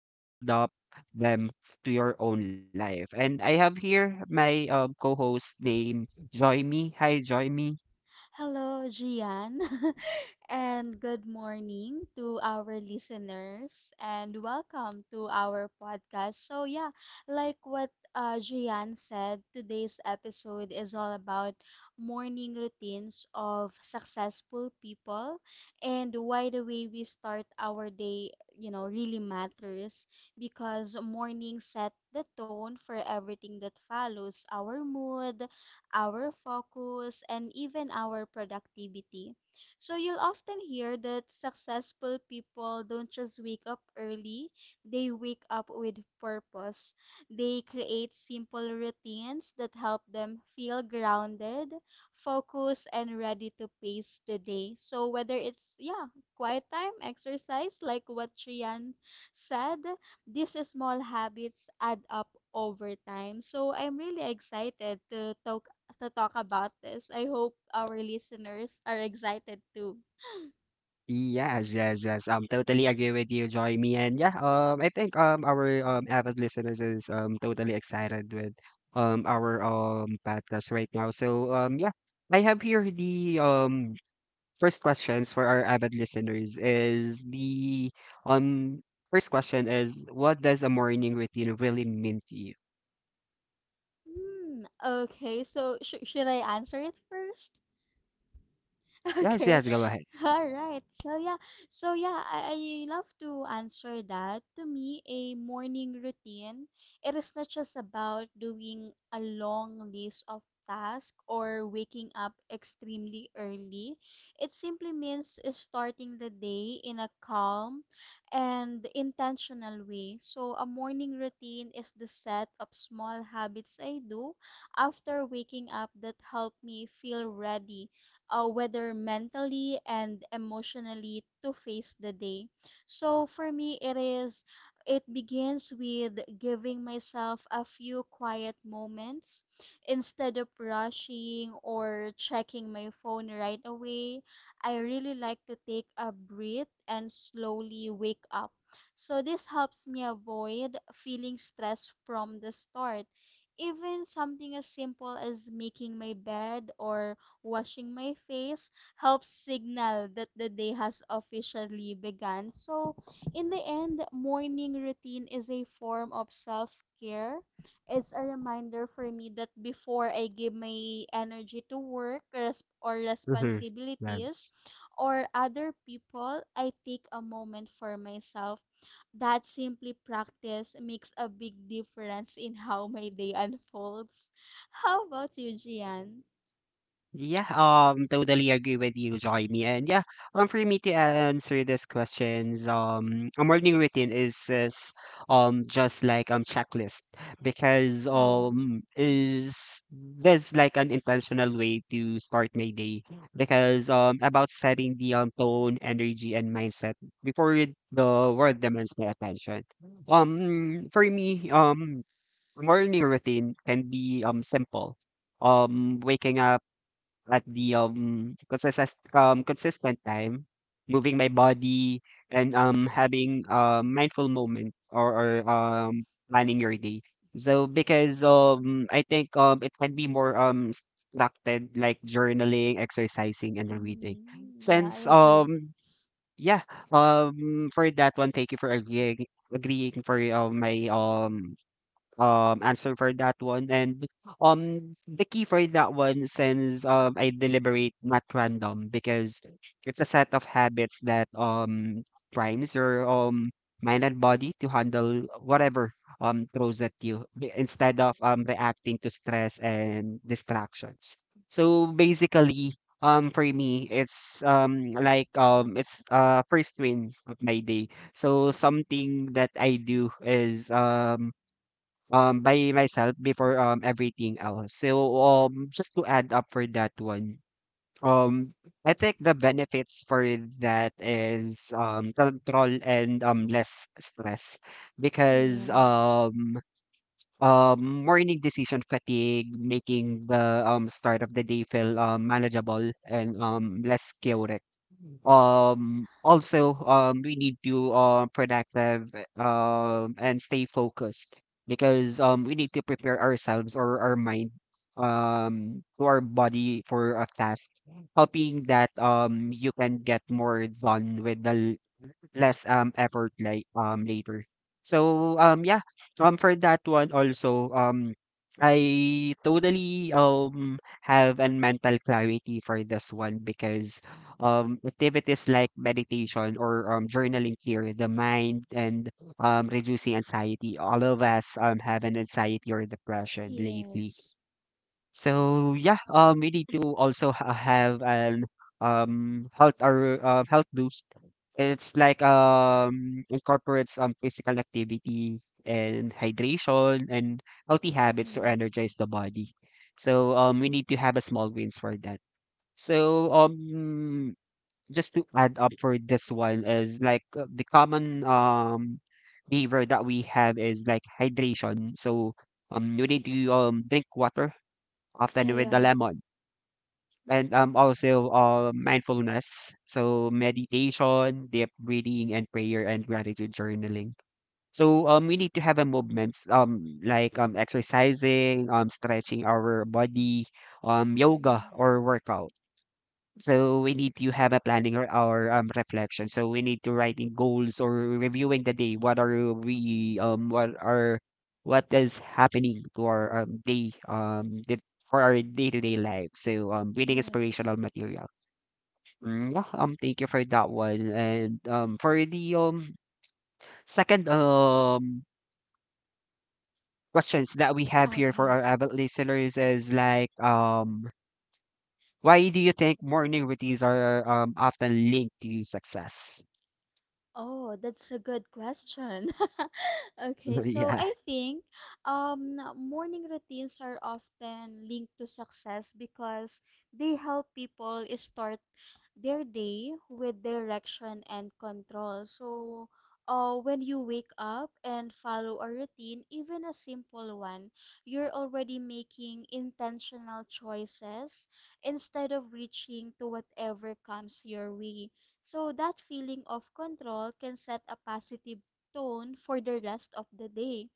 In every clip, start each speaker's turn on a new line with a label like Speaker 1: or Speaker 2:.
Speaker 1: and how can adopt them to your own life. And I have here my co-host named Joy Me. Hi, Joy.
Speaker 2: Hello, Gian, and good morning to our listeners, and welcome to our podcast. So, yeah, like what Gian said, today's episode is all about morning routines of successful people and why the way we start our day, you know, really matters because morning set the tone for everything that follows our mood, our focus, and even our productivity. So you'll often hear that successful people don't just wake up early, they wake up with purpose. They create simple routines that help them feel grounded, focused, and ready to face the day. So whether it's yeah, quiet time, exercise like what Trian said, these small habits add up over time. So I'm really excited to talk about this. I hope our listeners are excited too.
Speaker 1: Yes, yes, yes. Totally agree with you, Joy, me, and yeah. I think our avid listeners is totally excited with our podcast right now. So yeah, I have here the first questions for our avid listeners is the um first question is, what does a morning routine really mean to you?
Speaker 2: Hmm, okay, so should I answer it first?
Speaker 1: Yes,
Speaker 2: Okay.
Speaker 1: yes. Go ahead.
Speaker 2: All right. So yeah. So yeah, I love to answer that. To me, a morning routine, it is not just about doing a long list of tasks or waking up extremely early. It simply means starting the day in a calm and intentional way. So a morning routine is the set of small habits I do after waking up that help me feel ready whether mentally and emotionally, to face the day. So for me, it begins with giving myself a few quiet moments instead of rushing or checking my phone right away. I really like to take a breath and slowly wake up. So this helps me avoid feeling stressed from the start. Even something as simple as making my bed or washing my face helps signal that the day has officially begun. So, in the end, morning routine is a form of self care. It's a reminder for me that before I give my energy to work res- or
Speaker 1: Mm-hmm.
Speaker 2: responsibilities
Speaker 1: Yes.
Speaker 2: or other people, I take a moment for myself. That simply practice makes a big difference in how my day unfolds. How about you, Gian?
Speaker 1: Yeah, totally agree with you, Jaime. And yeah, for me to answer these questions, a morning routine is just like checklist, because
Speaker 2: Yeah.
Speaker 1: is there's like an intentional way to start my day, because about setting the tone, energy, and mindset before the world demands my attention. For me, morning routine can be simple. Waking up at the, consistent time, moving my body, and having a mindful moment or planning your day. So because, I think, it can be more, structured, like journaling, exercising, and reading.
Speaker 2: Mm, yeah,
Speaker 1: Since,
Speaker 2: I agree.
Speaker 1: yeah, for that one, thank you for agreeing for my answer for that one. And the key for that one, since I deliberate, not random, because it's a set of habits that primes your mind and body to handle whatever throws at you, instead of reacting to stress and distractions. So basically, for me it's like it's first win of my day. So something that I do is by myself before everything else. So just to add up for that one, um I think the benefits for that is control and less stress because
Speaker 2: Yeah,
Speaker 1: morning decision fatigue, making the start of the day feel manageable and less chaotic. Also, we need to productive and stay focused, because we need to prepare ourselves or our mind to our body for a task, hoping that you can get more done with the less, effort like, later. So, yeah, for that one also, I totally, have a mental clarity for this one, because activities like meditation or, journaling clear the mind and, reducing anxiety. All of us, have an anxiety or depression lately.
Speaker 2: yes.
Speaker 1: So yeah, we need to also have an health, or health boost. It's like incorporates physical activity, and hydration, and healthy habits to
Speaker 2: Mm,
Speaker 1: energize the body. So we need to have a small wins for that. So just to add up for this one is like, the common behavior that we have is like hydration. So you need to drink water often with the
Speaker 2: yeah,
Speaker 1: lemon. And also, mindfulness. So meditation, deep breathing, and prayer, and gratitude journaling. So we need to have a movements like exercising, stretching our body, yoga
Speaker 2: mm,
Speaker 1: or workout. So we need to have a planning, or reflection. So we need to writing goals or reviewing the day. What are we, what are, what is happening to our day, the, for our day-to-day life. So reading
Speaker 2: yes.
Speaker 1: inspirational material. Mm, yeah, thank you for that one. And for the second questions that we have here for
Speaker 2: Okay.
Speaker 1: our avid listeners is like, why do you think morning routines are often linked to success?
Speaker 2: Oh, that's a good question. Okay, so
Speaker 1: Yeah.
Speaker 2: I think morning routines are often linked to success because they help people start their day with direction and control. So, when you wake up and follow a routine, even a simple one, you're already making intentional choices instead of reaching to whatever comes your way. So, that feeling of control can set a positive tone for the rest of the day.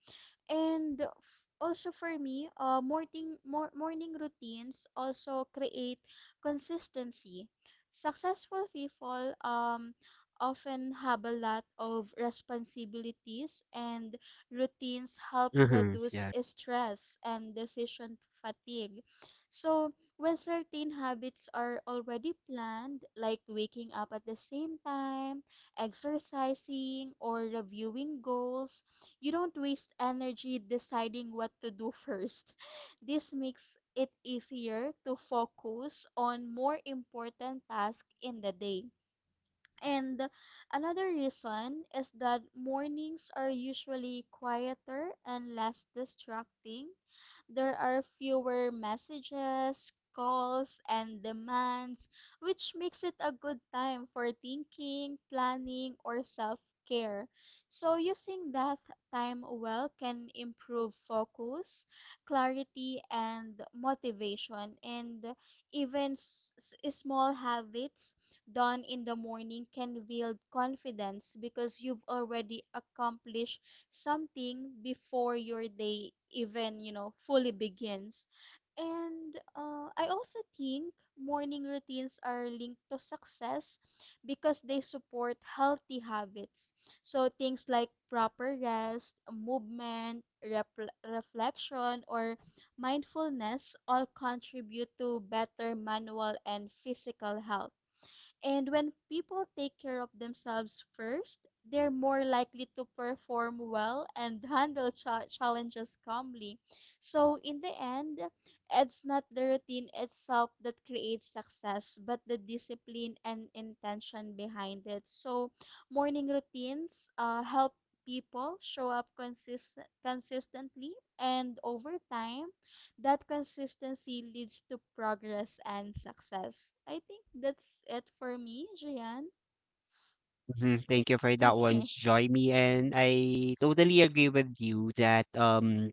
Speaker 2: And also for me, uh, morning routines also create consistency. Successful people often have a lot of responsibilities, and routines help
Speaker 1: Hmm.
Speaker 2: reduce
Speaker 1: Yeah.
Speaker 2: stress and decision fatigue. So, when certain habits are already planned, like waking up at the same time, exercising, or reviewing goals, you don't waste energy deciding what to do first. This makes it easier to focus on more important tasks in the day. And another reason is that mornings are usually quieter and less distracting there are fewer messages, calls, and demands, which makes it a good time for thinking, planning, or self care. So, using that time well can improve focus, clarity, and motivation. And even small habits done in the morning can build confidence because you've already accomplished something before your day even, you know, fully begins. And I also think morning routines are linked to success because they support healthy habits. So things like proper rest, movement, repl reflection, or mindfulness all contribute to better manual and physical health. And when people take care of themselves first, they're more likely to perform well and handle challenges calmly. So, in the end, it's not the routine itself that creates success, but the discipline and intention behind it. So, morning routines help people show up consistently and over time that consistency leads to progress and success. I think that's it for me, Gian.
Speaker 1: Hmm. Thank you for that one,
Speaker 2: Okay.
Speaker 1: Joymi. And I totally agree with you that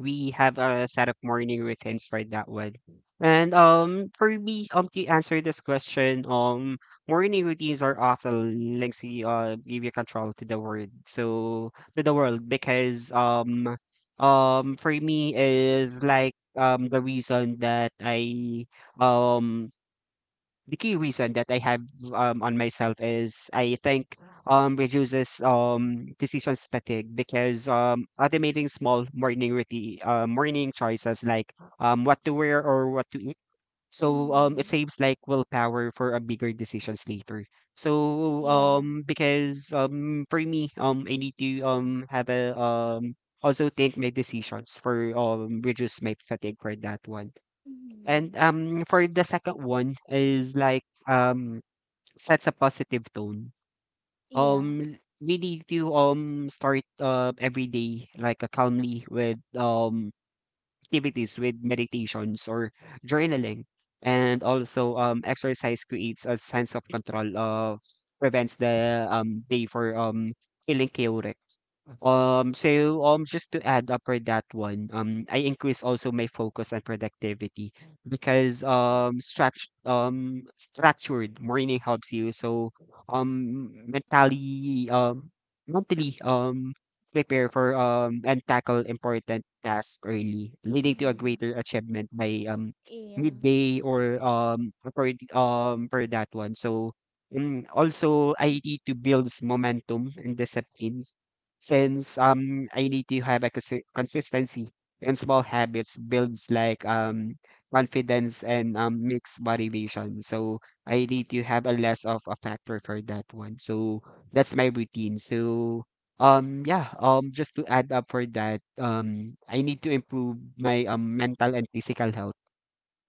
Speaker 1: we have a set of morning routines for that one. And for me, to answer this question, morning routines are often links to, give you control to the world. So to the world, because for me is like, the reason that I, um the key reason that I have on myself is, I think reduces decision fatigue, because automating small morning routine, morning choices like what to wear or what to eat, so it
Speaker 2: Mm,
Speaker 1: saves like willpower for a bigger decisions later. So
Speaker 2: yeah.
Speaker 1: because for me, I need to have a also think my decisions for reduce my fatigue for that one. And,
Speaker 2: Mm,
Speaker 1: for the second one is like, sets a positive tone.
Speaker 2: yeah.
Speaker 1: We need to, start, every day like, calmly with, activities with meditations or journaling. And also, exercise creates a sense of control, prevents the day for feeling chaotic. So just to add up for that one, I increase also my focus and productivity, because structured morning helps you. So mentally, mentally, um, prepare for and tackle important tasks early, leading to a
Speaker 2: Mm,
Speaker 1: greater achievement by
Speaker 2: yeah.
Speaker 1: midday or for for that one. So also I need to build momentum and discipline since I need to have a consistency, and small habits builds like confidence and mixed motivation. So I need to have a less of a factor for that one. So that's my routine. So yeah, just to add up for that, I need to improve my mental and physical health.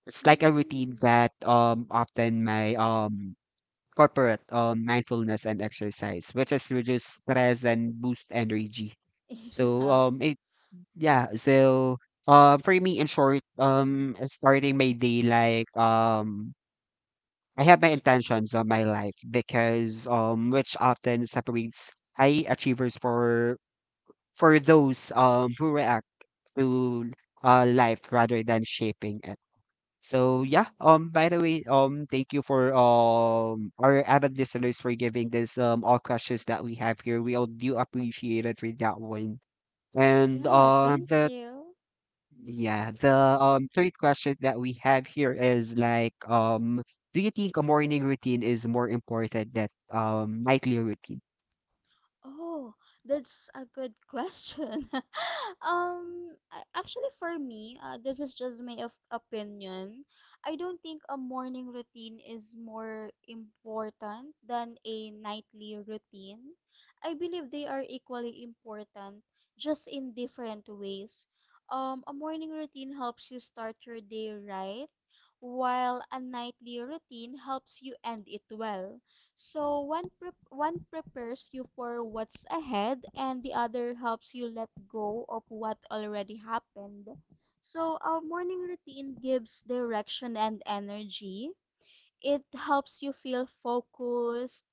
Speaker 1: It's like a routine
Speaker 2: Mm,
Speaker 1: that often my corporate mindfulness and exercise, which is reduce stress and boost energy. So
Speaker 2: yeah.
Speaker 1: it, yeah, so for me, in short, starting my day like, I have my intentions on my life, because which often separates high achievers for those who react to life rather than shaping it. So yeah,
Speaker 2: Mm.
Speaker 1: by the way, thank you for our avid listeners for giving this all questions that we have here. We all do appreciate it for that one. And
Speaker 2: Yeah, thank
Speaker 1: the,
Speaker 2: you.
Speaker 1: yeah, the third question that we have here is like, do you think a morning routine is more important than nightly routine?
Speaker 2: Oh, that's a good question. Actually, for me, this is just my opinion. I don't think a morning routine is more important than a nightly routine. I believe they are equally important, just in different ways. A morning routine helps you start your day right, while a nightly routine helps you end it well so one prepares you for what's ahead and the other helps you let go of what already happened. So our morning routine gives direction and energy it helps you feel focused,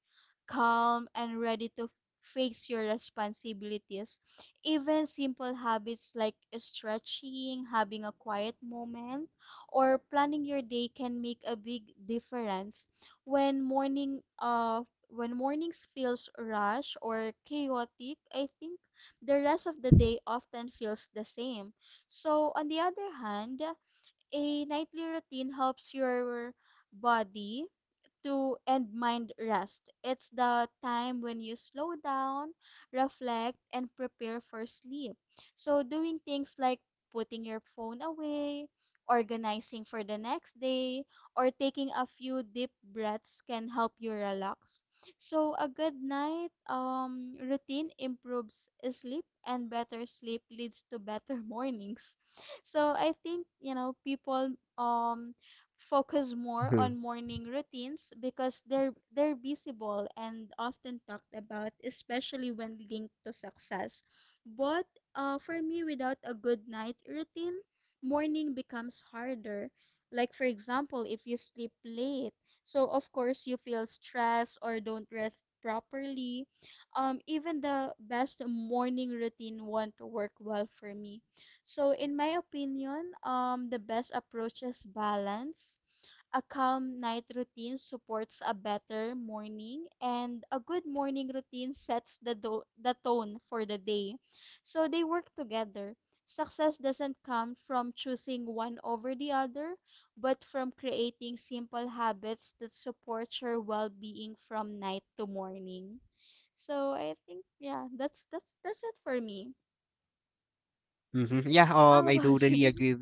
Speaker 2: calm, and ready to face your responsibilities. Even simple habits like stretching, having a quiet moment, or planning your day can make a big difference. When morning uh when mornings feels rush or chaotic, I think the rest of the day often feels the same. So on the other hand, a nightly routine helps your body to and mind rest. It's the time when you slow down, reflect, and prepare for sleep. So, doing things like putting your phone away, organizing for the next day, or taking a few deep breaths can help you relax. So, a good night routine improves sleep, and better sleep leads to better mornings. So, I think, you know, people um focus more
Speaker 1: Hmm.
Speaker 2: on morning routines because they're visible and often talked about, especially when linked to success. But for me, without a good night routine, morning becomes harder. Like for example, if you sleep late, so of course you feel stressed or don't rest properly. Even the best morning routine won't work well for me so, in my opinion, the best approach is balance. A calm night routine supports a better morning, and a good morning routine sets the tone for the day. So, they work together. Success doesn't come from choosing one over the other, but from creating simple habits that support your well being from night to morning. So, I think, yeah, that's it for me.
Speaker 1: Hmm. Yeah,
Speaker 2: How
Speaker 1: I
Speaker 2: about
Speaker 1: totally
Speaker 2: you?
Speaker 1: agree.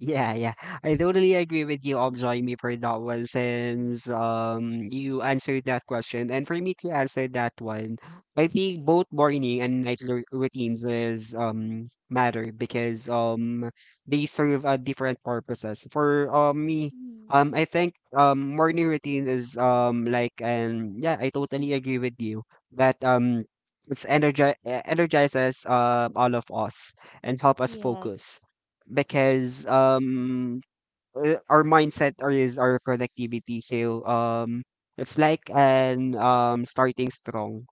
Speaker 1: Yeah, yeah. I totally agree with you, Obzoimi, for that one, since you answered that question. And for me to answer that one, I think both morning and night routines is matter, because they serve different purposes. For me,
Speaker 2: Mm.
Speaker 1: I think morning routine is like, and yeah, I totally agree with you that it's energizes all of us and help us focus,
Speaker 2: Yes.
Speaker 1: because our mindset or is our productivity, so it's like an starting strong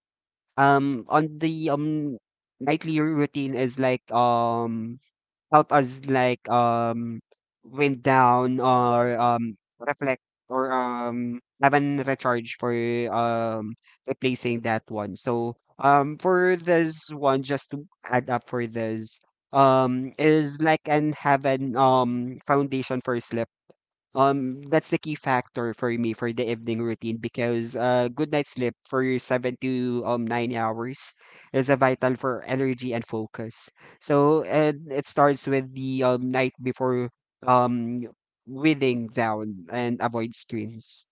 Speaker 1: on the nightly routine is like help us like wind down or reflect or have an recharge for um replacing that one. So for this one, just to add up for this, is like and have an foundation for sleep. That's the key factor for me for the evening routine, because good night sleep for your 7 to 9 hours is a vital for energy and focus. So, and it starts with the night before, um winding down and avoid screens.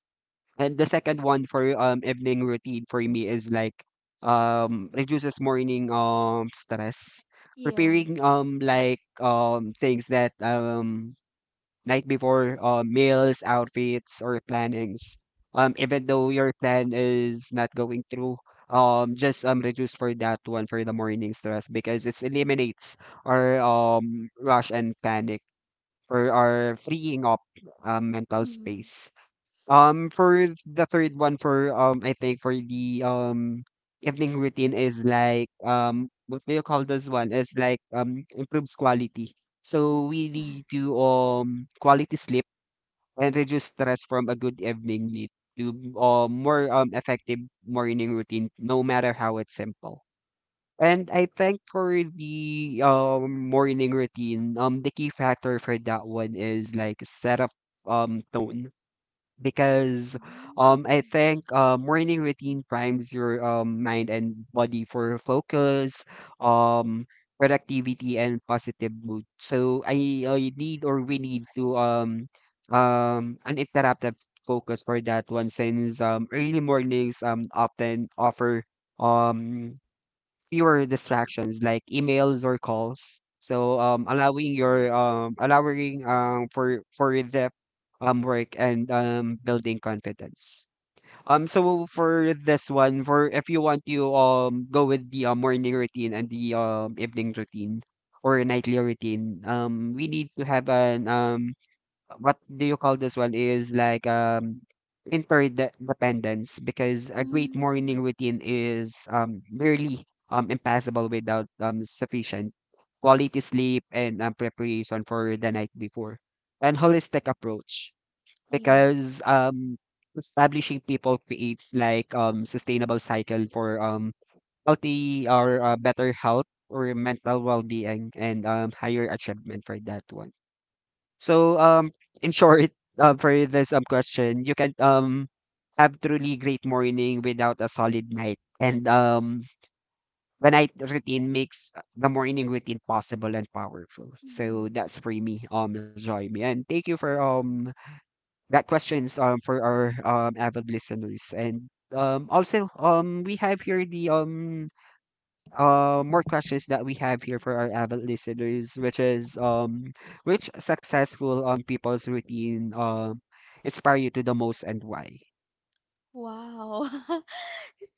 Speaker 1: And the second one for evening routine for me is like, reduces morning stress,
Speaker 2: Yeah.
Speaker 1: preparing like things that night before, meals, outfits, or plannings. Even though your plan is not going through, just reduce for that one for the morning stress, because it eliminates our rush and panic for our freeing up mental
Speaker 2: Mhm.
Speaker 1: space. For the third one for I think for the evening routine is like, what do you call this one? Is like improves quality. So we need to quality sleep and reduce stress from a good evening meal to more effective morning routine, no matter how it's simple. And I think for the morning routine, the key factor for that one is like set of tone, because I
Speaker 2: Mhm.
Speaker 1: think morning routine primes your mind and body for focus, um productivity, and positive mood. So I need or we need to uninterrupted focus for that one, since early mornings often offer um fewer distractions like emails or calls. So allowing for the work and building confidence. So for this one, for if you want to go with the morning routine and the evening routine or nightly routine, we need to have an what do you call this one, is like interdependence, because a great
Speaker 2: Mm.
Speaker 1: morning routine is really impassable without sufficient quality sleep and preparation for the night before and holistic approach,
Speaker 2: Yeah.
Speaker 1: because establishing people creates like sustainable cycle for healthy or better health or mental well-being and higher achievement for that one. So, in short, for this question, you can have truly great morning without a solid night, and the night routine makes the morning routine possible and powerful. So
Speaker 2: Mhm.
Speaker 1: that's for me, join and thank you for that questions for our avid listeners. And also we have here the more questions that we have here for our avid listeners, which is which successful people's routine inspire you to the most, and why?
Speaker 2: Wow.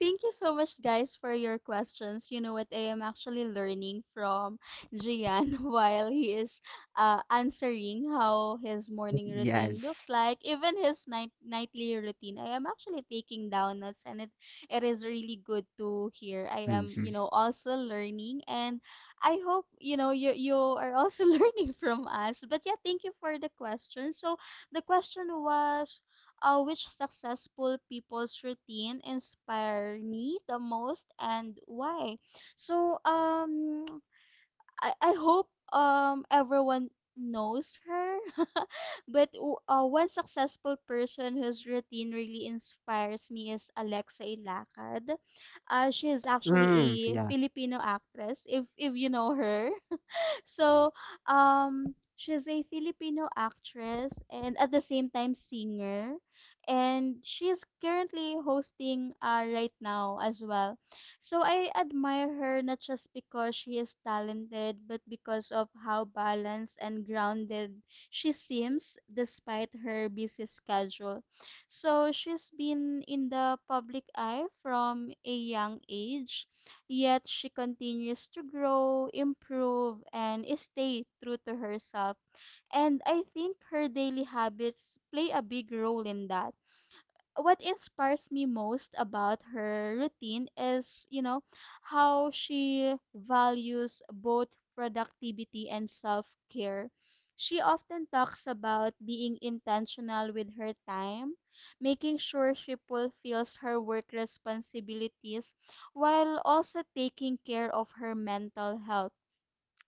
Speaker 2: Thank you so much, guys, for your questions. You know what? I am actually learning from Gian while he is answering how his morning routine looks
Speaker 1: Yes.
Speaker 2: like, even his nightly routine. I am actually taking down notes, and it is really good to hear. I am,
Speaker 1: Mm-hmm.
Speaker 2: you know, also learning, and I hope you know you are also learning from us. But yeah, thank you for the question. So the question was which successful people's routine inspire me the most and why. So I hope everyone knows her but one successful person whose routine really inspires me is Alexa Ilacad. She is actually a
Speaker 1: Mm, yeah.
Speaker 2: Filipino actress if you know her. So, she's a Filipino actress and at the same time singer. And she's currently hosting right now as well. So I admire her not just because she is talented, but because of how balanced and grounded she seems despite her busy schedule. So she's been in the public eye from a young age yet she continues to grow, improve, and stay true to herself. And I think her daily habits play a big role in that. What inspires me most about her routine is, you know, how she values both productivity and self care. She often talks about being intentional with her time, making sure she fulfills her work responsibilities while also taking care of her mental health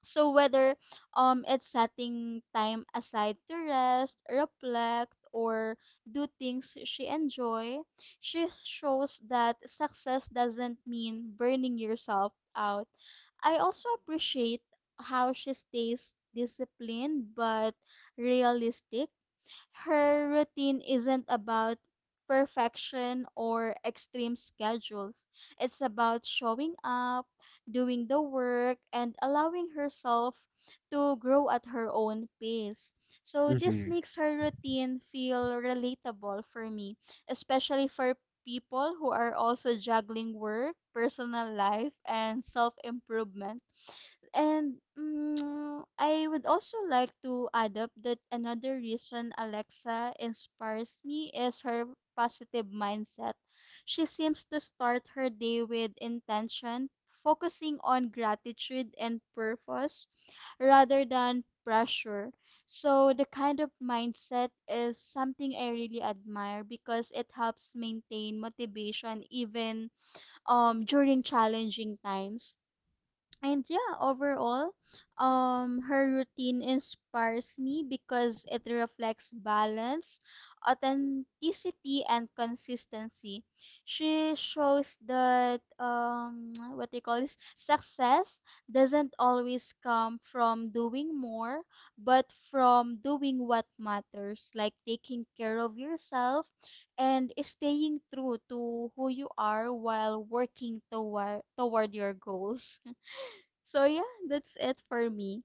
Speaker 2: so whether it's setting time aside to rest, reflect, or do things she enjoy, she shows that success doesn't mean burning yourself out. I also appreciate how she stays disciplined but realistic her routine isn't about perfection or extreme schedules. It's about showing up, doing the work, and allowing herself to grow at her own pace. So, this
Speaker 1: Mm-hmm.
Speaker 2: makes her routine feel relatable for me, especially for people who are also juggling work, personal life, and self improvement. And I would also like to add up that another reason Alexa inspires me is her positive mindset. She seems to start her day with intention, focusing on gratitude and purpose rather than pressure. So, the kind of mindset is something I really admire because it helps maintain motivation even during challenging times and yeah overall her routine inspires me because it reflects balance authenticity and consistency she shows that what they call this success doesn't always come from doing more but from doing what matters like taking care of yourself and staying true to who you are while working toward your goals so yeah, that's it for me.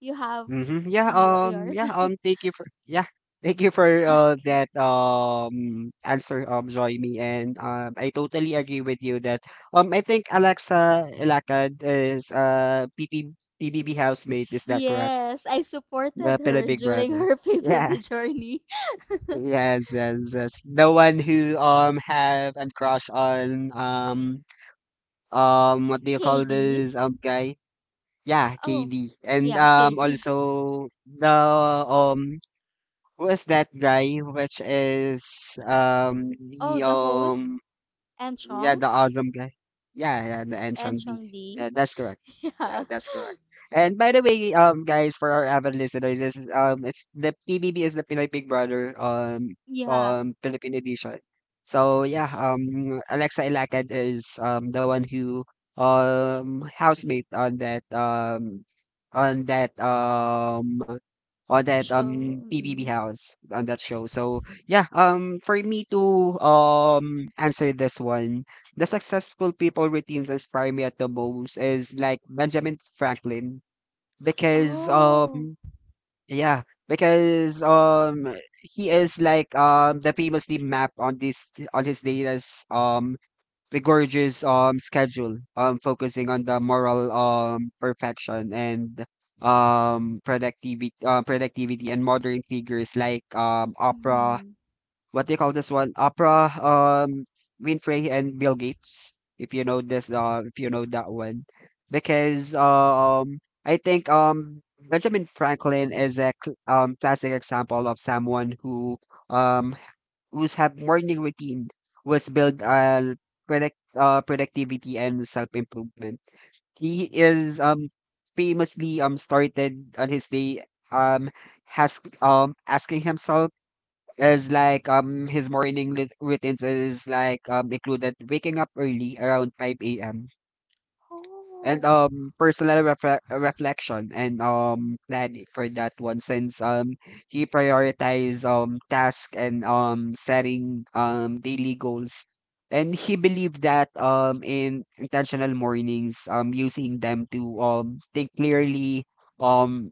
Speaker 2: You have
Speaker 1: Mm-hmm. Yeah.
Speaker 2: yours.
Speaker 1: Yeah. Thank you for. Yeah. Thank you for
Speaker 2: Okay.
Speaker 1: that answer, Joymi, and I totally agree with you that I think Alexa Ilacad is P B B housemate, is that correct?
Speaker 2: Yes, I supported
Speaker 1: The Pinoy
Speaker 2: her
Speaker 1: Big
Speaker 2: during
Speaker 1: Brother.
Speaker 2: her
Speaker 1: Yeah.
Speaker 2: PBB journey.
Speaker 1: Yes, yes, yes. The one who have and crush on what do you call
Speaker 2: KD.
Speaker 1: this, guy? Yeah,
Speaker 2: Oh,
Speaker 1: KD. And
Speaker 2: yeah, KD.
Speaker 1: also the who is that guy, which is
Speaker 2: Oh,
Speaker 1: the
Speaker 2: the host and
Speaker 1: yeah,
Speaker 2: Chong
Speaker 1: the awesome guy. Yeah, yeah, the and
Speaker 2: and
Speaker 1: Changdi.
Speaker 2: Chong D.
Speaker 1: Yeah, that's correct.
Speaker 2: Yeah,
Speaker 1: Yeah, that's correct. And by the way, guys, for our avid listeners, this is it's the PBB is the Pinoy Big Brother
Speaker 2: yeah.
Speaker 1: Philippine edition. So yeah, Alexa Ilacad is the one who housemate on that on that um on that
Speaker 2: So,
Speaker 1: PBB
Speaker 2: mm-mm.
Speaker 1: house on that show. So yeah, for me to answer this one, the successful people routines inspire me at the most is like Benjamin Franklin, because
Speaker 2: Oh,
Speaker 1: yeah, because he is like the famously map on this on his data's rigorous schedule, focusing on the moral perfection and productivity, and modern figures like Oprah,
Speaker 2: mm.
Speaker 1: what do you call this one? Oprah, Winfrey and Bill Gates, if you know this, if you know that one. Because I think Benjamin Franklin is a classic example of someone who um who's have morning routine was built predict productivity and self improvement. He is famously started on his day um has asking himself, is like his routines is like included waking up early around 5 a.m. and
Speaker 2: Oh.
Speaker 1: reflection and planning for that one, since he prioritizes task and setting daily goals, and he believed that in intentional mornings, using them to think clearly, um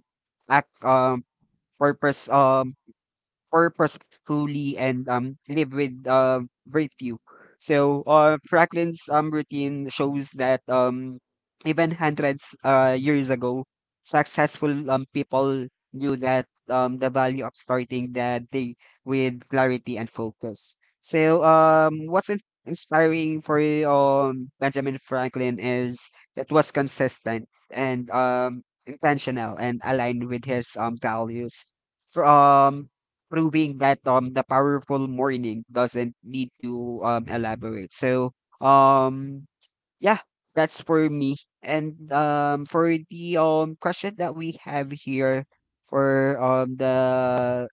Speaker 1: act purpose um, purposefully and live with virtue. So Franklin's routine shows that even hundreds years ago, successful people knew that the value of starting the day with clarity and focus. So what's inspiring for Benjamin Franklin is it was consistent and intentional and aligned with his values, from proving that the powerful morning doesn't need to elaborate. So um yeah, that's for me. And for the question that we have here for the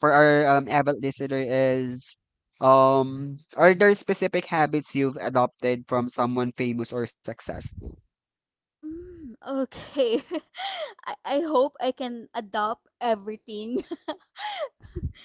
Speaker 1: for our avid listener is are there specific habits you've adopted from someone famous or successful?
Speaker 2: Mm, okay. I hope I can adopt everything.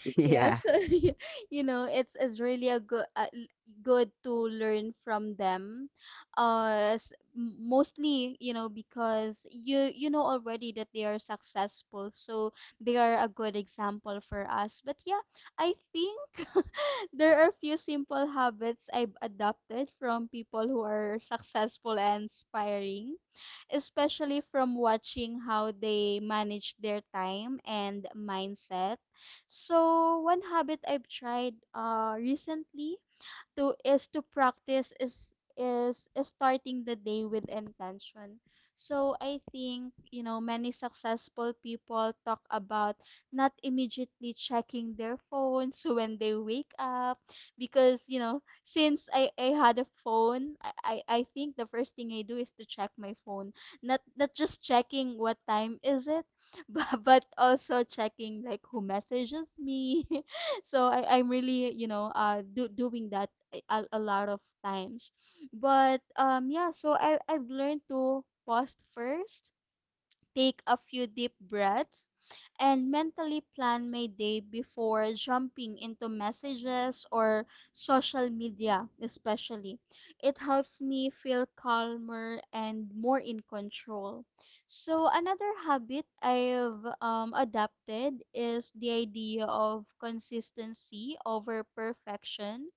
Speaker 2: Yeah,
Speaker 1: yeah.
Speaker 2: so you know, it's really a good good to learn from them. Mostly, because you know already that they are successful, so they are a good example for us. But yeah, I think there are few simple habits I've adopted from people who are successful and inspiring, especially from watching how they manage their time and mindset. So, one habit I've tried recently to practice is starting the day with intention. So I think, many successful people talk about not immediately checking their phones when they wake up because, since I had a phone, I think the first thing I do is to check my phone. Not just checking what time is it, but also checking like who messages me. So I'm really, doing that a lot of times. But yeah, so I've learned to pause first, take a few deep breaths, and mentally plan my day before jumping into messages or social media, especially. It helps me feel calmer and more in control. So another habit I've adapted is the idea of consistency over perfection.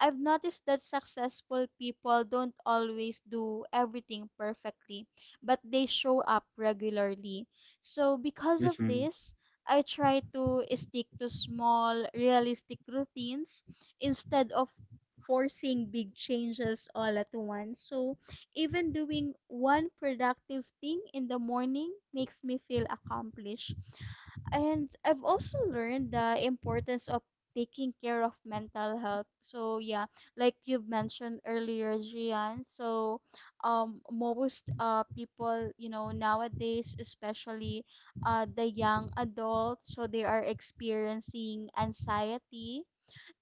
Speaker 2: I've noticed that successful people don't always do everything perfectly, but they show up regularly. So, because of
Speaker 1: Mm-hmm.
Speaker 2: this, I try to stick to small, realistic routines instead of forcing big changes all at once. So, even doing one productive thing in the morning makes me feel accomplished. And I've also learned the importance of taking care of mental health. So yeah, like you have mentioned earlier, Gian. So most people, nowadays, especially the young adults, so they are experiencing anxiety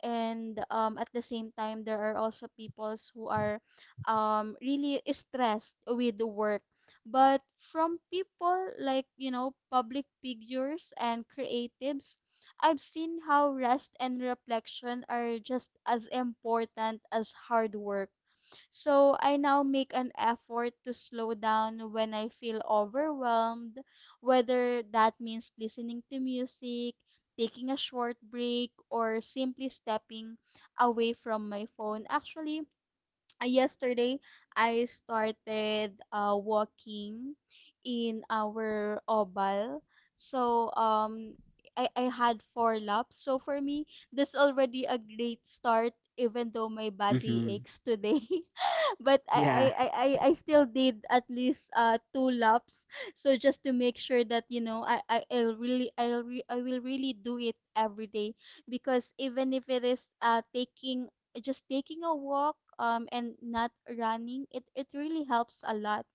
Speaker 2: and at the same time there are also peoples who are really stressed with the work, but from people like public figures and creatives I've seen how rest and reflection are just as important as hard work. So I now make an effort to slow down when I feel overwhelmed, whether that means listening to music, taking a short break, or simply stepping away from my phone. Actually, yesterday I started walking in our oval. So I had four laps. So for me, that's already a great start, even though my body
Speaker 1: Mm-hmm.
Speaker 2: aches today. But
Speaker 1: Yeah.
Speaker 2: I still did at least two laps. So just to make sure that I I'll really I'll re- I will really do it every day, because even if it is taking just taking a walk and not running, it really helps a lot,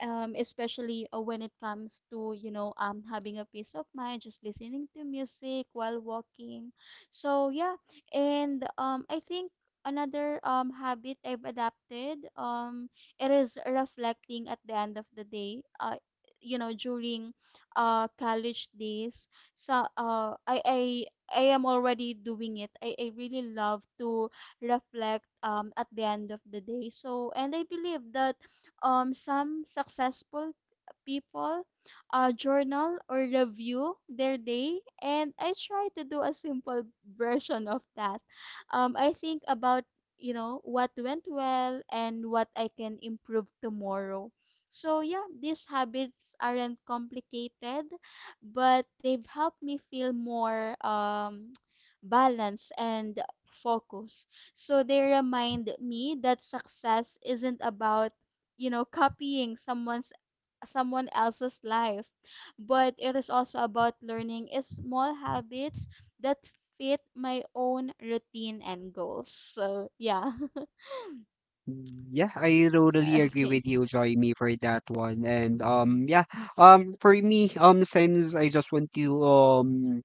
Speaker 2: especially when it comes to having a peace of mind, just listening to music while walking. So yeah, and I think another habit I've adapted, it is reflecting at the end of the day. During college days, so I am already doing it. I really love to reflect at the end of the day. So, and I believe that some successful people journal or review their day, and I try to do a simple version of that. I think about what went well and what I can improve tomorrow. So yeah, these habits aren't complicated, but they've helped me feel more balanced and focused. So they remind me that success isn't about copying someone else's life, but it is also about learning is small habits that fit my own routine and goals. So yeah.
Speaker 1: Mm, yeah, I totally agree
Speaker 2: Okay.
Speaker 1: with you, Joy Me, for that one. And yeah, for me, since I just want to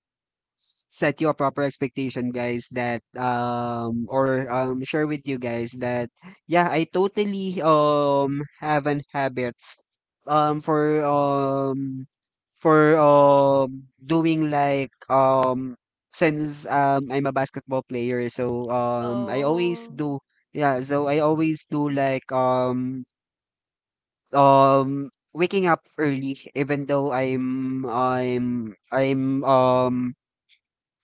Speaker 1: set your proper expectation, guys, that or share with you guys that yeah, I totally have an habits um for um for doing like since I'm a basketball player, so I always
Speaker 2: Oh.
Speaker 1: do, yeah, so I always do like waking up early, even though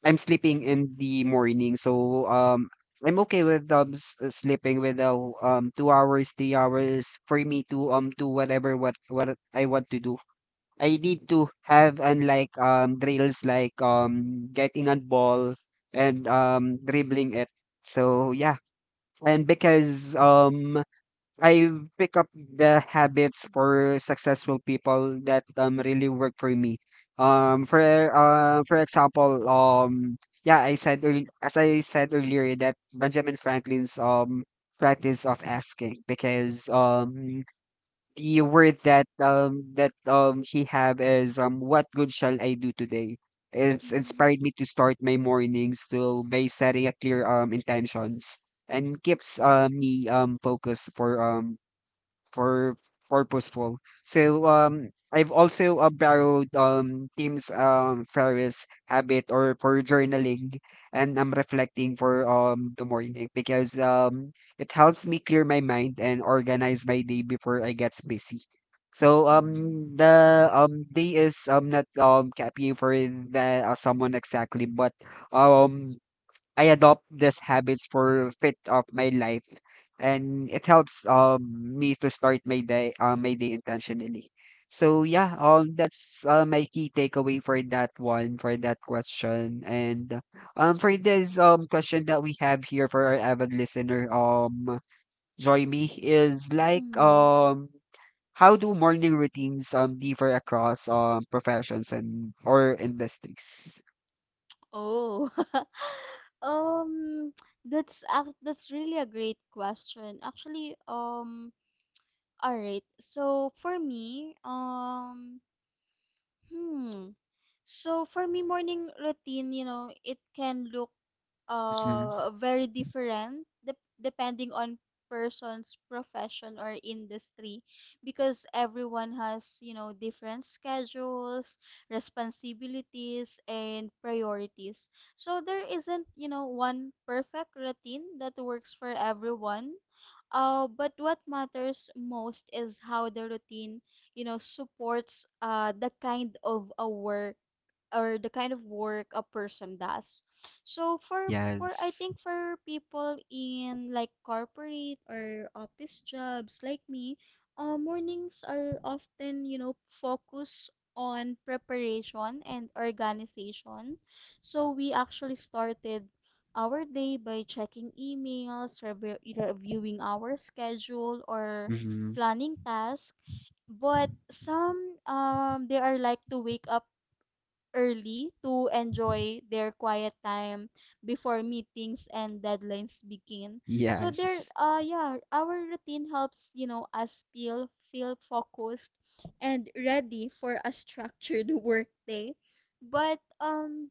Speaker 1: I'm sleeping in the morning. So, I'm okay with, s sleeping with, 2 hours, 3 hours for me to, do whatever what I want to do. I need to have unlike, drills like, getting a ball and, dribbling it. So, yeah, and because, I pick up the habits for successful people that really work for me. For for example, yeah, I said as I said earlier that Benjamin Franklin's practice of asking, because the word that that he have is what good shall I do today? It's
Speaker 2: Mm,
Speaker 1: inspired me to start my mornings to by setting a clear intentions and keeps me focused for purposeful. So I've also borrowed Tim's Ferris habit or for journaling, and I'm reflecting for the morning, because it helps me clear my mind and organize my day before I gets busy. So
Speaker 2: mm,
Speaker 1: the day is not copying for the someone exactly, but um I adopt these habits for fit of my life, and it helps me to start my day intentionally. So yeah, that's my key takeaway for that one, for that question. And for this question that we have here for our avid listener, join me is like,
Speaker 2: mm.
Speaker 1: how do morning routines differ across professions and or industries?
Speaker 2: Oh. um that's really a great question, actually. All right. Hmm So for me, morning routine, it can look
Speaker 1: Mhm.
Speaker 2: very different depending on person's profession or industry, because everyone has, different schedules, responsibilities, and priorities. So there isn't, one perfect routine that works for everyone. But what matters most is how the routine, supports the kind of work a person does. So for I
Speaker 1: Yes.
Speaker 2: think for people in like corporate or office jobs like me, mornings are often, focus on preparation and organization. So we actually started our day by checking emails, reviewing our schedule or
Speaker 1: Mm-hmm.
Speaker 2: planning tasks, but some, they are like to wake up early to enjoy their quiet time before meetings and deadlines begin. So there
Speaker 1: Yes.
Speaker 2: yeah, our routine helps, us feel focused and ready for a structured workday. But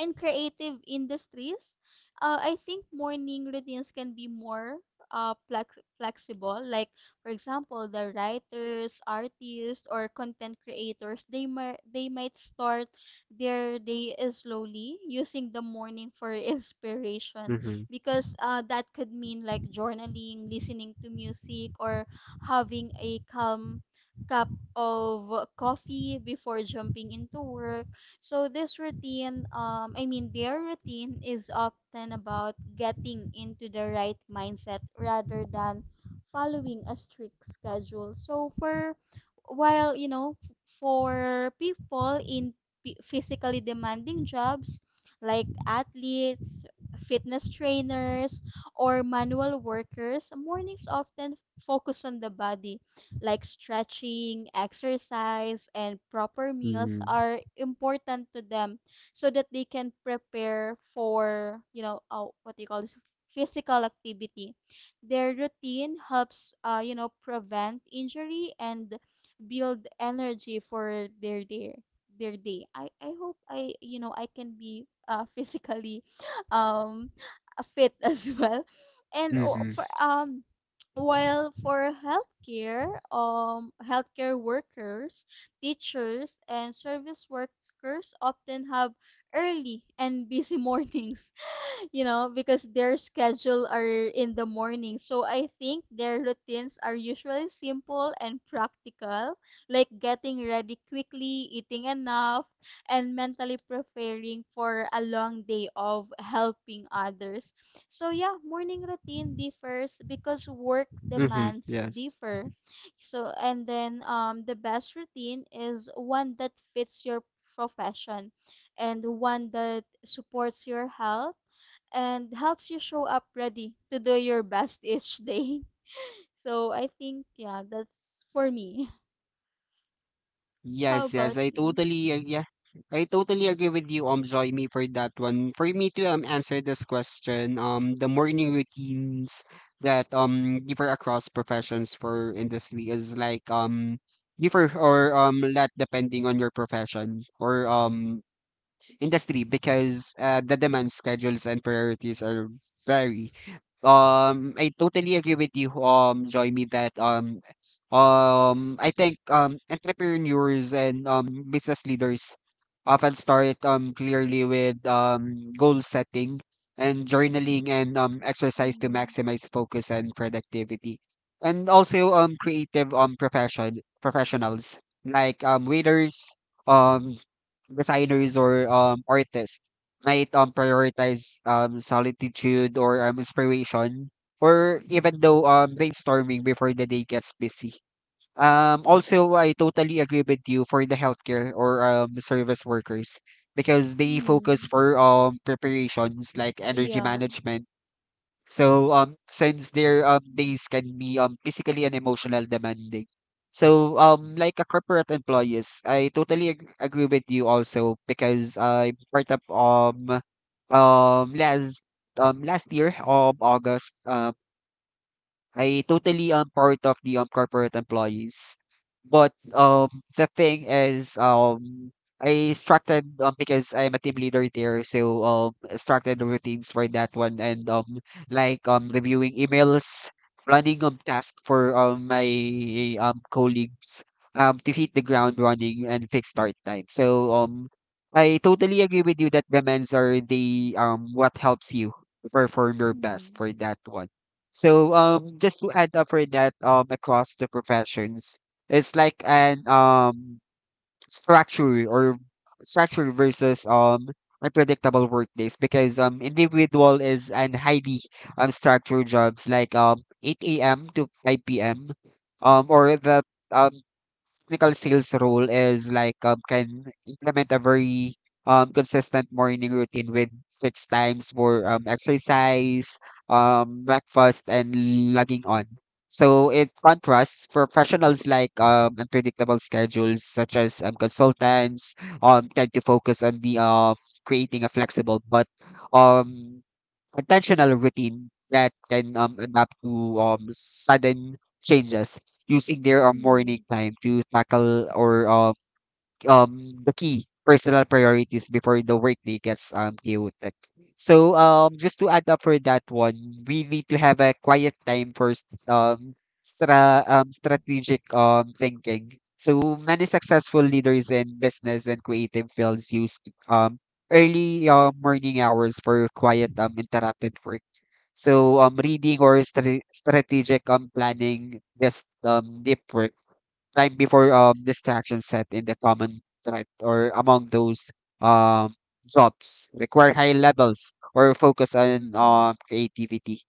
Speaker 2: in creative industries, I think morning routines can be more flexible. Like, for example, the writers, artists, or content creators, they might start their day is slowly, using the morning for inspiration,
Speaker 1: Mhm.
Speaker 2: because that could mean like journaling, listening to music, or having a calm cup of coffee before jumping into work. So this routine, I mean their routine, is often about getting into the right mindset rather than following a strict schedule. So for while you know f- for people in physically demanding jobs like athletes, fitness trainers, or manual workers, mornings often focus on the body, like stretching, exercise, and proper meals
Speaker 1: Mhm.
Speaker 2: are important to them so that they can prepare for, what do you call this, physical activity. Their routine helps, prevent injury and build energy for their day. I hope I you know I can be physically um fit as well. And o-
Speaker 1: Mhm.
Speaker 2: for while for healthcare workers, teachers and service workers often have early and busy mornings, because their schedule are in the morning. So I think their routines are usually simple and practical, like getting ready quickly, eating enough, and mentally preparing for a long day of helping others. So yeah, morning routine differs because work
Speaker 1: Mhm.
Speaker 2: demands
Speaker 1: Yes.
Speaker 2: differ. So and then the best routine is one that fits your profession and one that supports your health and helps you show up ready to do your best each day. So I think yeah, that's for me. How
Speaker 1: Yes, yes.
Speaker 2: about you?
Speaker 1: Yeah. I totally agree with you, Joy, me, for that one. For me to answer this question, the morning routines that differ across professions for industry is like differ or lot depending on your profession or industry, because the demand schedules and priorities are vary. I totally agree with you, Joymi, that I think entrepreneurs and business leaders often start clearly with goal setting and journaling and exercise to
Speaker 2: Mm-hmm.
Speaker 1: maximize focus and productivity, and also creative professionals like waiters, um designers, or artists, might prioritize solitude or inspiration, or even though brainstorming before the day gets busy. Also I totally agree with you for the healthcare or service workers, because they focus
Speaker 2: Mm-hmm.
Speaker 1: for preparations like energy
Speaker 2: Yeah.
Speaker 1: management. So since their days can be physically and emotional demanding. So like a corporate employees, agree with you also, because I part of last last year of August, I totally am part of the corporate employees. But the thing is, I structured because I'm a team leader there, so structured routines for that one and like reviewing emails, running task for my colleagues to hit the ground running and fix start time. So I totally agree with you that demands are the what helps you perform your best
Speaker 2: Mm-hmm.
Speaker 1: for that one. So just to add up for that across the professions, it's like an structure or structure versus unpredictable workdays, because individual is an highly structured jobs like 8 a.m. to 5 p.m. Or the uh, technical sales role, is like can implement a very consistent morning routine with fixed times for exercise, breakfast, and logging on. So it contrasts for professionals like unpredictable schedules, such as consultants, tend to focus on the creating a flexible but um intentional routine that can adapt to sudden changes, using their
Speaker 2: Mm-hmm.
Speaker 1: morning time to tackle or um the key personal priorities before the workday gets chaotic. So just to add up for that one, we need to have a quiet time for strategic thinking. So many successful leaders in business and creative fields use um early morning hours for quiet interrupted work. So reading or strategic planning, just deep work time before distraction set in the common threat or among those um jobs require high levels or focus on
Speaker 2: Mm-hmm.
Speaker 1: creativity.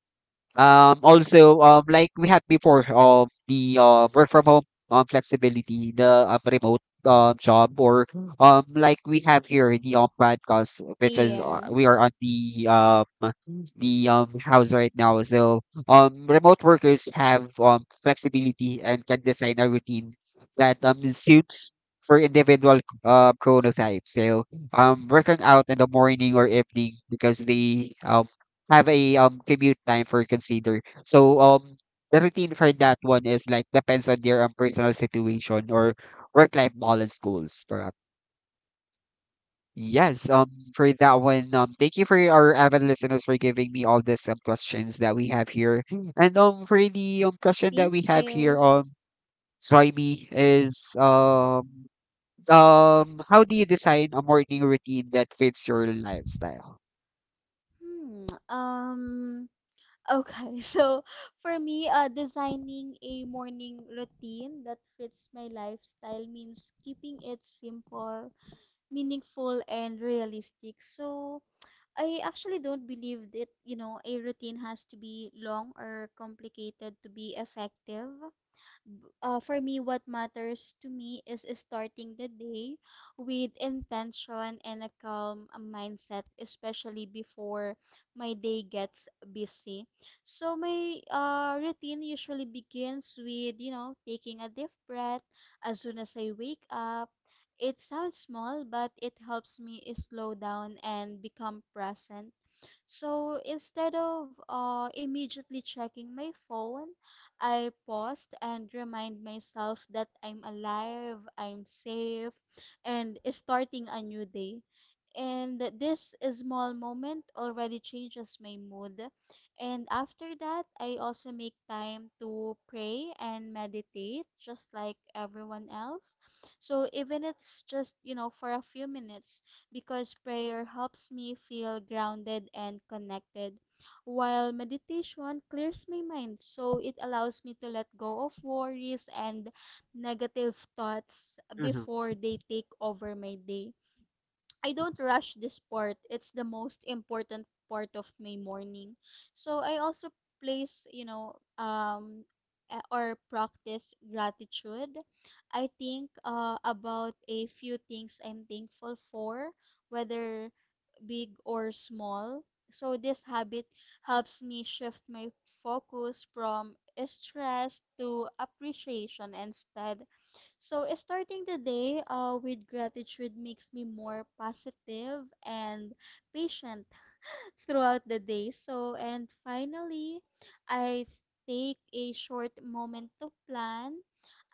Speaker 1: Also like we had before the work from home flexibility, the remote job, or like we have here, the podcast, which is
Speaker 2: Yeah.
Speaker 1: we are on the the house right now. So remote workers have flexibility and can design a routine that suits for individual chronotypes. So working out in the morning or evening because they have a commute time for consider. So the routine for that one is like depends on their personal situation or work life balance goals. Correct. Yes, for that one, thank you for our avid listeners for giving me all these questions that we have here. And for the question that we
Speaker 2: Thank
Speaker 1: have here,
Speaker 2: you.
Speaker 1: Jaime is how do you design a morning routine that fits your lifestyle?
Speaker 2: Hmm. Okay. So for me, designing a morning routine that fits my lifestyle means keeping it simple, meaningful, and realistic. So I actually don't believe that, a routine has to be long or complicated to be effective. For me, what matters to me is starting the day with intention and a calm mindset, especially before my day gets busy. So my routine usually begins with, taking a deep breath as soon as I wake up. It sounds small, but it helps me slow down and become present. So instead of immediately checking my phone, I paused and remind myself that I'm alive, I'm safe, and starting a new day. And this small moment already changes my mood. And after that, I also make time to pray and meditate just like everyone else. So even it's just, for a few minutes, because prayer helps me feel grounded and connected, while meditation clears my mind. So it allows me to let go of worries and negative thoughts
Speaker 1: Mm-hmm.
Speaker 2: before they take over my day. I don't rush this part. It's the most important part of my morning. So I also place, you know, a- or practice gratitude. I think about a few things I'm thankful for, whether big or small. So this habit helps me shift my focus from stress to appreciation instead. So, starting the day with gratitude makes me more positive and patient throughout the day. So, and finally, I take a short moment to plan.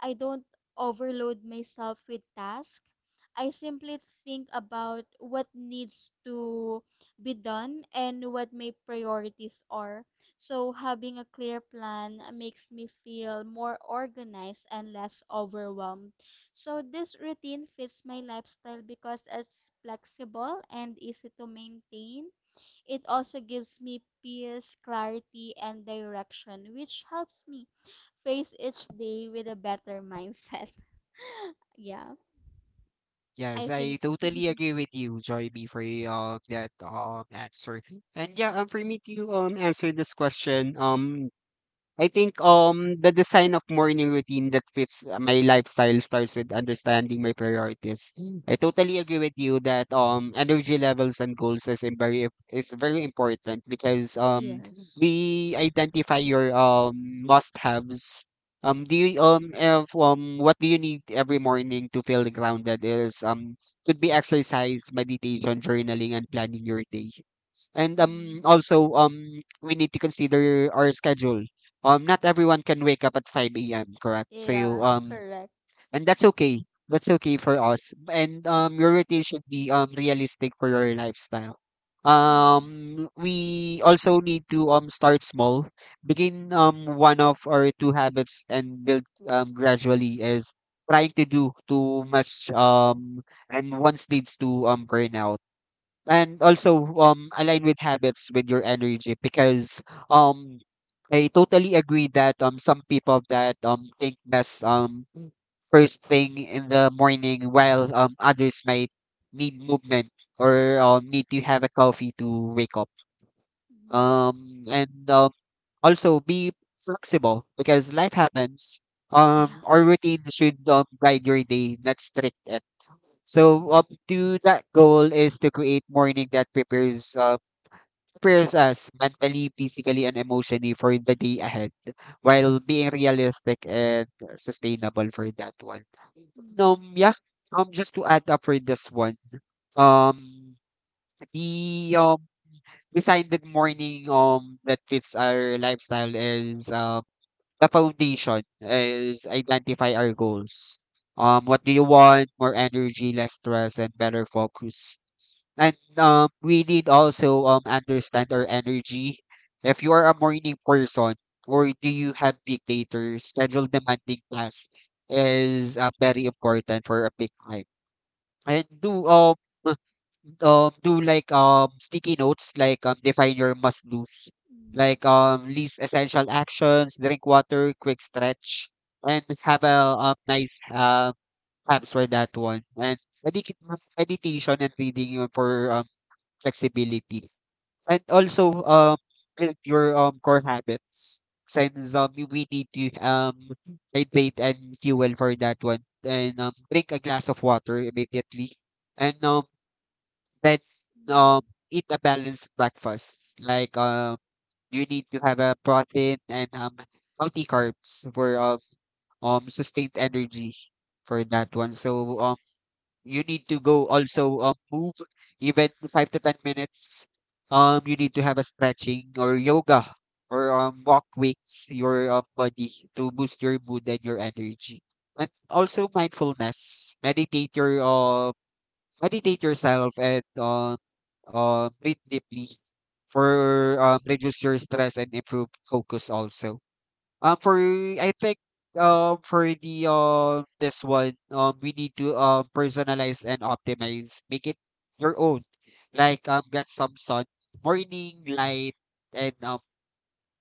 Speaker 2: I don't overload myself with tasks. I simply think about what needs to be done and what my priorities are. So, having a clear plan makes me feel more organized and less overwhelmed. So, this routine fits my lifestyle because it's flexible and easy to maintain. It also gives me peace, clarity, and direction, which helps me face each day with a better mindset. Yeah, I
Speaker 1: Yes, I
Speaker 2: think.
Speaker 1: totally agree with you, Joy B, for that answer. And yeah, for me to answer this question, I think the design of morning routine that fits my lifestyle starts with understanding my priorities. I totally agree with you that energy levels and goals very is very important because
Speaker 2: Yes.
Speaker 1: we identify your must-haves. Do you if, what do you need every morning to feel grounded is could be exercise, meditation, journaling, and planning your day. And um
Speaker 2: Mm.
Speaker 1: also um we need to consider our schedule. Not everyone can wake up at 5 a.m., correct? So
Speaker 2: Yeah, correct.
Speaker 1: and that's okay. That's okay for us. And your routine should be realistic for your lifestyle.
Speaker 2: Mm.
Speaker 1: We also need to start small. Begin one of or two habits and build gradually is trying to do too much and once leads to burnout, and also align with habits with your energy, because um I totally agree that some people that think best first thing in the morning, while others might need movement or need to have a coffee to wake up.
Speaker 2: Mm.
Speaker 1: And Also be flexible because life happens.
Speaker 2: Yeah.
Speaker 1: Our routine should guide your day, not strict, so up to that goal is to create morning that prepares us mentally, physically, and emotionally for the day ahead, while being realistic and sustainable for that one.
Speaker 2: Mm.
Speaker 1: Yeah. Just to add up for this one. Um, the decided morning that fits our lifestyle is the foundation is identify our goals. What do you want? More energy, less stress, and better focus, and we need also understand our energy. If you are a morning person, or do you have peak later, schedule demanding class is very important for a peak time. And do like sticky notes, like define your must do's,
Speaker 2: Mm.
Speaker 1: like least essential actions, drink water, quick stretch, and have a nice apps for that one. And medic- meditation and reading for flexibility. And also, build your core habits, since we need to hydrate and fuel for that one. And drink a glass of water immediately. And then um
Speaker 2: Mm.
Speaker 1: eat a balanced breakfast. Like you need to have a protein and healthy carbs for sustained energy for that one. So you need to go also move even 5 to 10 minutes. You need to have a stretching or yoga or walk wakes your body to boost your mood and your energy. And also mindfulness, meditate yourself, and breathe deeply for reduce your stress and improve focus also. For I think For the this one, we need to personalize and optimize, make it your own. Like get some sun, morning light, and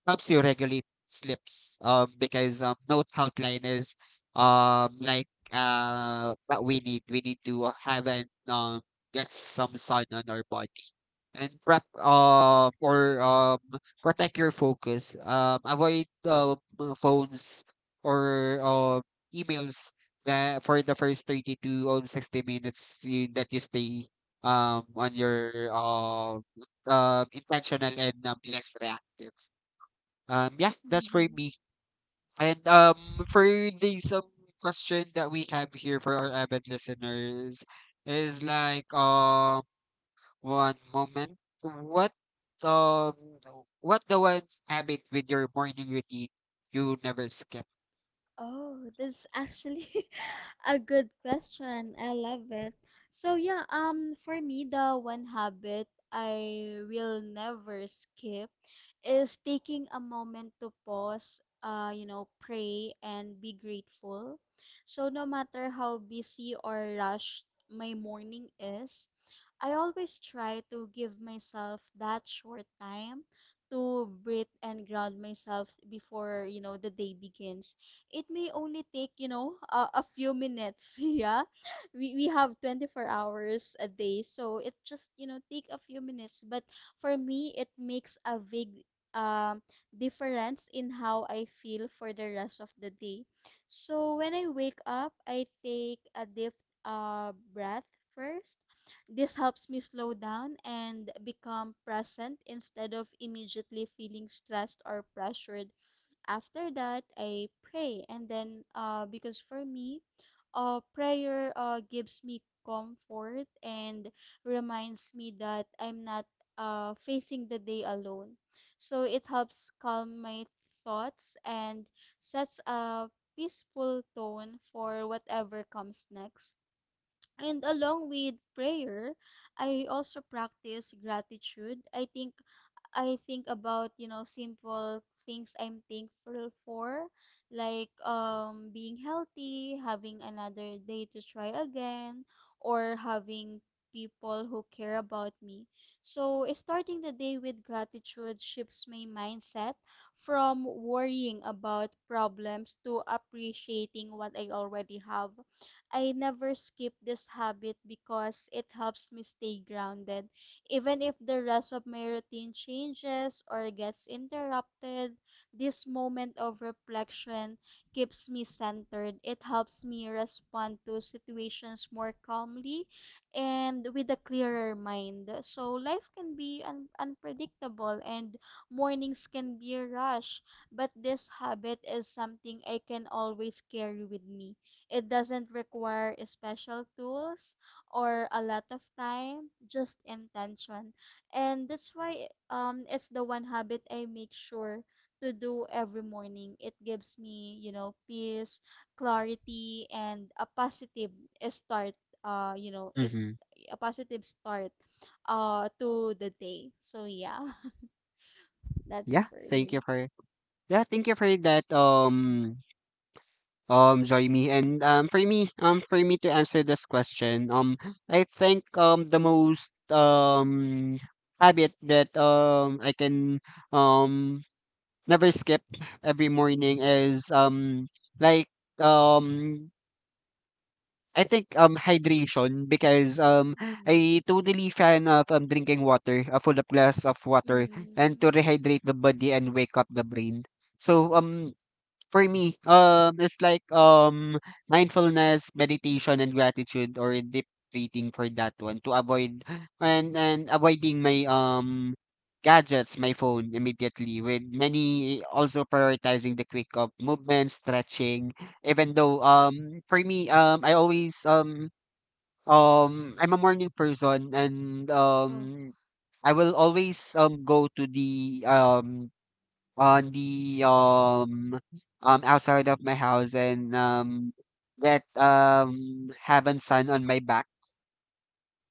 Speaker 1: helps you regulate sleeps. Because note outline is what we need, we need to have an get some sun on our body and prep or protect your focus. Avoid phones or emails, that for the first 30 to or 60 minutes you, that you stay on your intentional and less reactive. Yeah, that's for
Speaker 2: Mhm.
Speaker 1: me. And for the some question that we have here for our avid listeners is like one moment. What um what the one habit with your morning routine you never skip?
Speaker 2: Oh, that's actually a good question. I love it. So yeah, for me, the one habit I will never skip is taking a moment to pause, pray and be grateful. So no matter how busy or rushed my morning is, I always try to give myself that short time to breathe and ground myself before, the day begins. It may only take a few minutes. Yeah, we have 24 hours a day, so it just, take a few minutes. But for me, it makes a big um difference in how I feel for the rest of the day. So when I wake up, I take a deep breath first. This helps me slow down and become present instead of immediately feeling stressed or pressured. After that, I pray, and then because for me, prayer gives me comfort and reminds me that I'm not facing the day alone. So it helps calm my thoughts and sets a peaceful tone for whatever comes next. And along with prayer, I also practice gratitude. I think about, simple things I'm thankful for, like being healthy, having another day to try again, or having people who care about me. So, starting the day with gratitude shifts my mindset from worrying about problems to appreciating what I already have. I never skip this habit because it helps me stay grounded. Even if the rest of my routine changes or gets interrupted, this moment of reflection keeps me centered. It helps me respond to situations more calmly and with a clearer mind. So life can be unpredictable and mornings can be a rush, but this habit is something I can always carry with me. It doesn't require special tools, or a lot of time, just intention. And that's why it's the one habit I make sure to do every morning. It gives me, peace, clarity and a positive start you know, is
Speaker 1: Mm-hmm.
Speaker 2: a positive start to the day. So yeah, that's
Speaker 1: Yeah,
Speaker 2: for
Speaker 1: thank you
Speaker 2: me.
Speaker 1: for yeah, thank you for that join me. And for me to answer this question, I think the most habit that I can um never skip every morning is like um I think, hydration, because,
Speaker 2: Mm.
Speaker 1: I totally fan of, drinking water, a full of glass of water, and to
Speaker 2: Mm.
Speaker 1: rehydrate the body and wake up the brain. So, for me, it's like mindfulness, meditation, and gratitude, or deep breathing for that one to avoid and avoiding my gadgets, my phone immediately. With many also prioritizing the quick of movement, stretching. Even though for me I always I'm a morning person and
Speaker 2: Oh.
Speaker 1: I will always go to the on the outside of my house, and get have a sun on my back.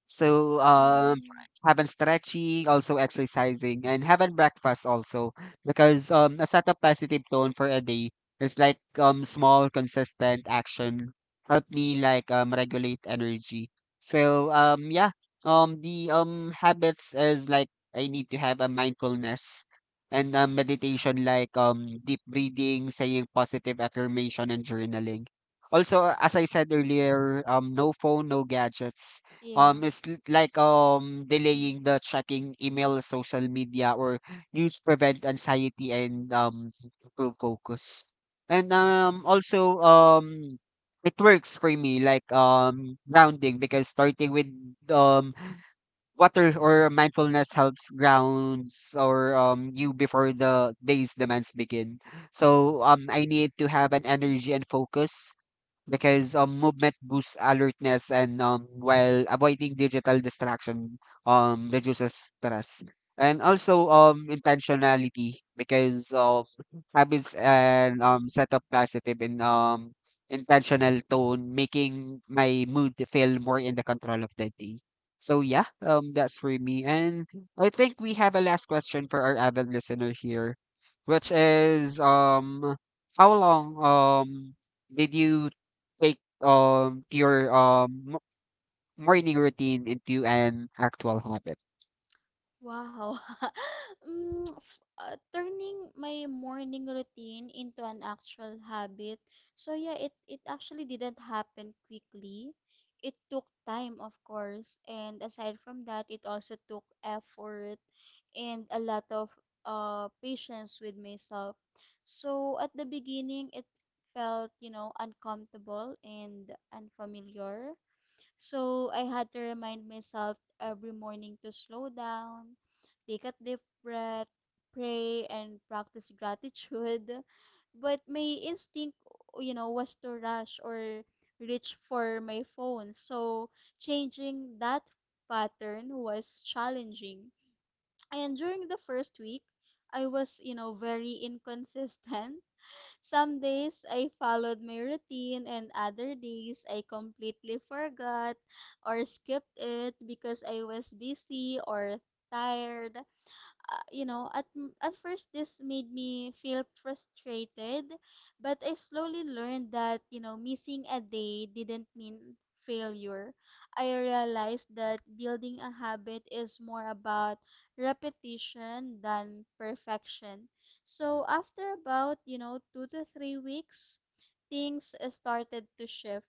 Speaker 1: So,
Speaker 2: Mm.
Speaker 1: having stretching, also exercising, and having breakfast also, because a set of positive tone for a day is like small consistent action help me like regulate energy. So yeah, the habits is like I need to have a mindfulness and
Speaker 2: Mm.
Speaker 1: meditation, like deep breathing, saying positive affirmation, and journaling. Also, as I said earlier, no phone, no gadgets,
Speaker 2: Yeah.
Speaker 1: like delaying the checking email, social media, or news prevent anxiety and improve focus. And also it works for me like grounding, because starting with um water or mindfulness helps grounds or you before the day's demands begin. So I need to have an energy and focus, because movement boosts alertness and while avoiding digital distraction reduces stress. And also intentionality because of habits and set up positive and intentional tone, making my mood feel more in the control of the day. So yeah, that's for me. And I think we have a last question for our avid listener here, which is how long did you take morning routine into an actual habit?
Speaker 2: Wow. Mm, turning my morning routine into an actual habit. So yeah, it actually didn't happen quickly. It took time, of course, and aside from that, it also took effort and a lot of patience with myself. So at the beginning, it felt, uncomfortable and unfamiliar, so I had to remind myself every morning to slow down, take a deep breath, pray, and practice gratitude. But my instinct, was to rush or reach for my phone. So changing that pattern was challenging. And during the first week, I was, very inconsistent. Some days I followed my routine and other days I completely forgot or skipped it because I was busy or tired. uh, you know, at at first this made me feel frustrated, but I slowly learned that, missing a day didn't mean failure. I realized that building a habit is more about repetition than perfection. So after about, 2 to 3 weeks, things started to shift.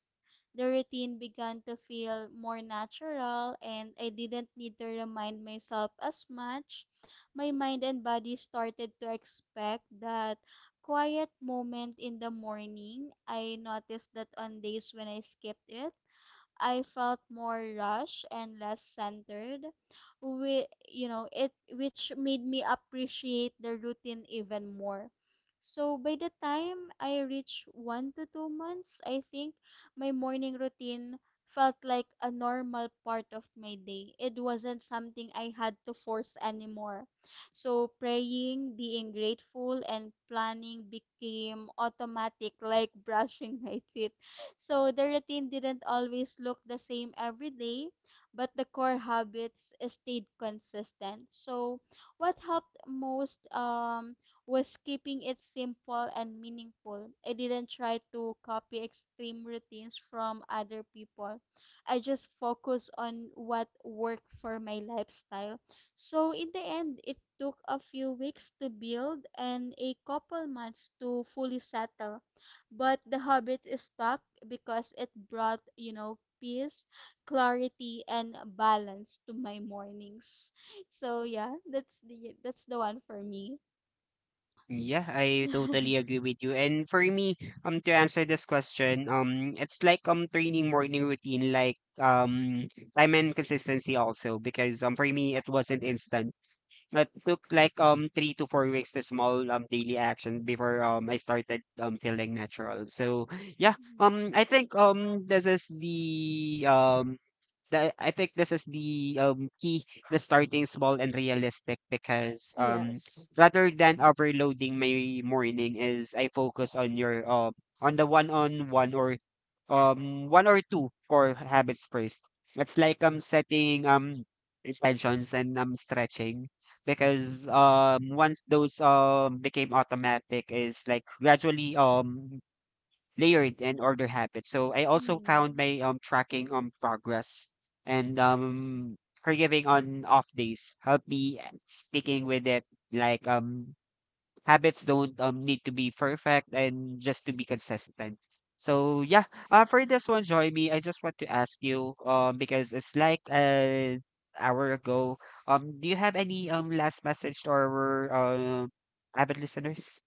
Speaker 2: The routine began to feel more natural and I didn't need to remind myself as much. My mind and body started to expect that quiet moment in the morning. I noticed that on days when I skipped it, I felt more rushed and less centered, We, you know, it which made me appreciate the routine even more. So by the time I reached 1 to 2 months, I think my morning routine felt like a normal part of my day. It wasn't something I had to force anymore. So praying, being grateful, and planning became automatic, like brushing my teeth. So the routine didn't always look the same every day, but the core habits stayed consistent. So what helped most, was keeping it simple and meaningful. I didn't try to copy extreme routines from other people. I just focused on what worked for my lifestyle. So in the end, it took a few weeks to build and a couple months to fully settle, but the habit is stuck because it brought, peace, clarity, and balance to my mornings. So yeah, that's the one for me.
Speaker 1: Yeah, I totally agree with you. And for me, to answer this question, it's like training morning routine, like time and consistency also, because for me it wasn't instant. It took like 3 to 4 weeks to small daily action before I started feeling natural. So yeah,
Speaker 2: Mhm.
Speaker 1: I think this is the I think this is the key to starting small and realistic, because
Speaker 2: Yes.
Speaker 1: rather than overloading my morning is I focus on your on the one on one or one or two core habits first. It's like setting intentions and stretching, because once those became automatic is like gradually layered and order habits. So I also found
Speaker 2: Mm.
Speaker 1: my tracking on progress and forgiving on off days help me sticking with it, like habits don't need to be perfect and just to be consistent. So yeah, for this one, Joy me. I just want to ask you, because it's like an hour ago. Do you have any last message to our avid listeners?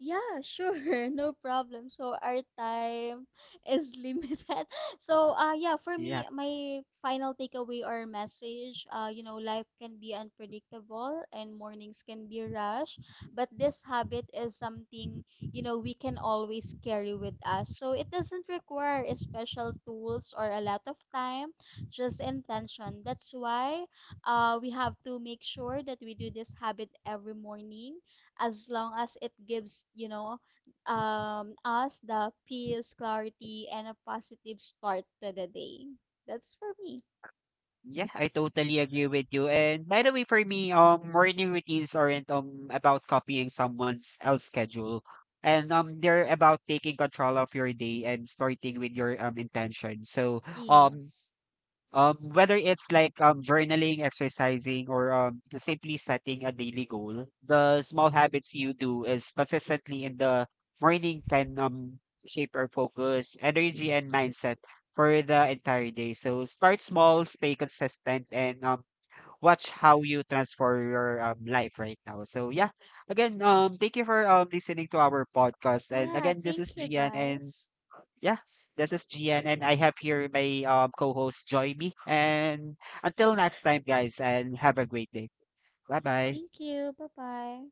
Speaker 2: Yeah, sure, no problem. So our time is limited. So yeah, for
Speaker 1: Yeah.
Speaker 2: me, my final takeaway or message, life can be unpredictable and mornings can be rush, but this habit is something, we can always carry with us. So it doesn't require a special tools or a lot of time, just intention. That's why we have to make sure that we do this habit every morning, as long as it gives us the peace, clarity and a positive start to the day. That's for me.
Speaker 1: Yeah, I totally agree with you. And by the way, for me, morning routines aren't about copying someone else's schedule, and they're about taking control of your day and starting with your intention. So, um
Speaker 2: Yes.
Speaker 1: Whether it's like journaling, exercising, or simply setting a daily goal, the small habits you do is consistently in the morning can shape our focus, energy, and mindset for the entire day. So start small, stay consistent, and watch how you transform your life right now. So yeah, again, thank you for listening to our podcast. And
Speaker 2: Yeah,
Speaker 1: again, this is
Speaker 2: thank you
Speaker 1: Gian, and
Speaker 2: guys.
Speaker 1: yeah, this is Gian, and I have here my co host, Joy B. And until next time, guys, and have a great day. Bye bye.
Speaker 2: Thank you. Bye bye.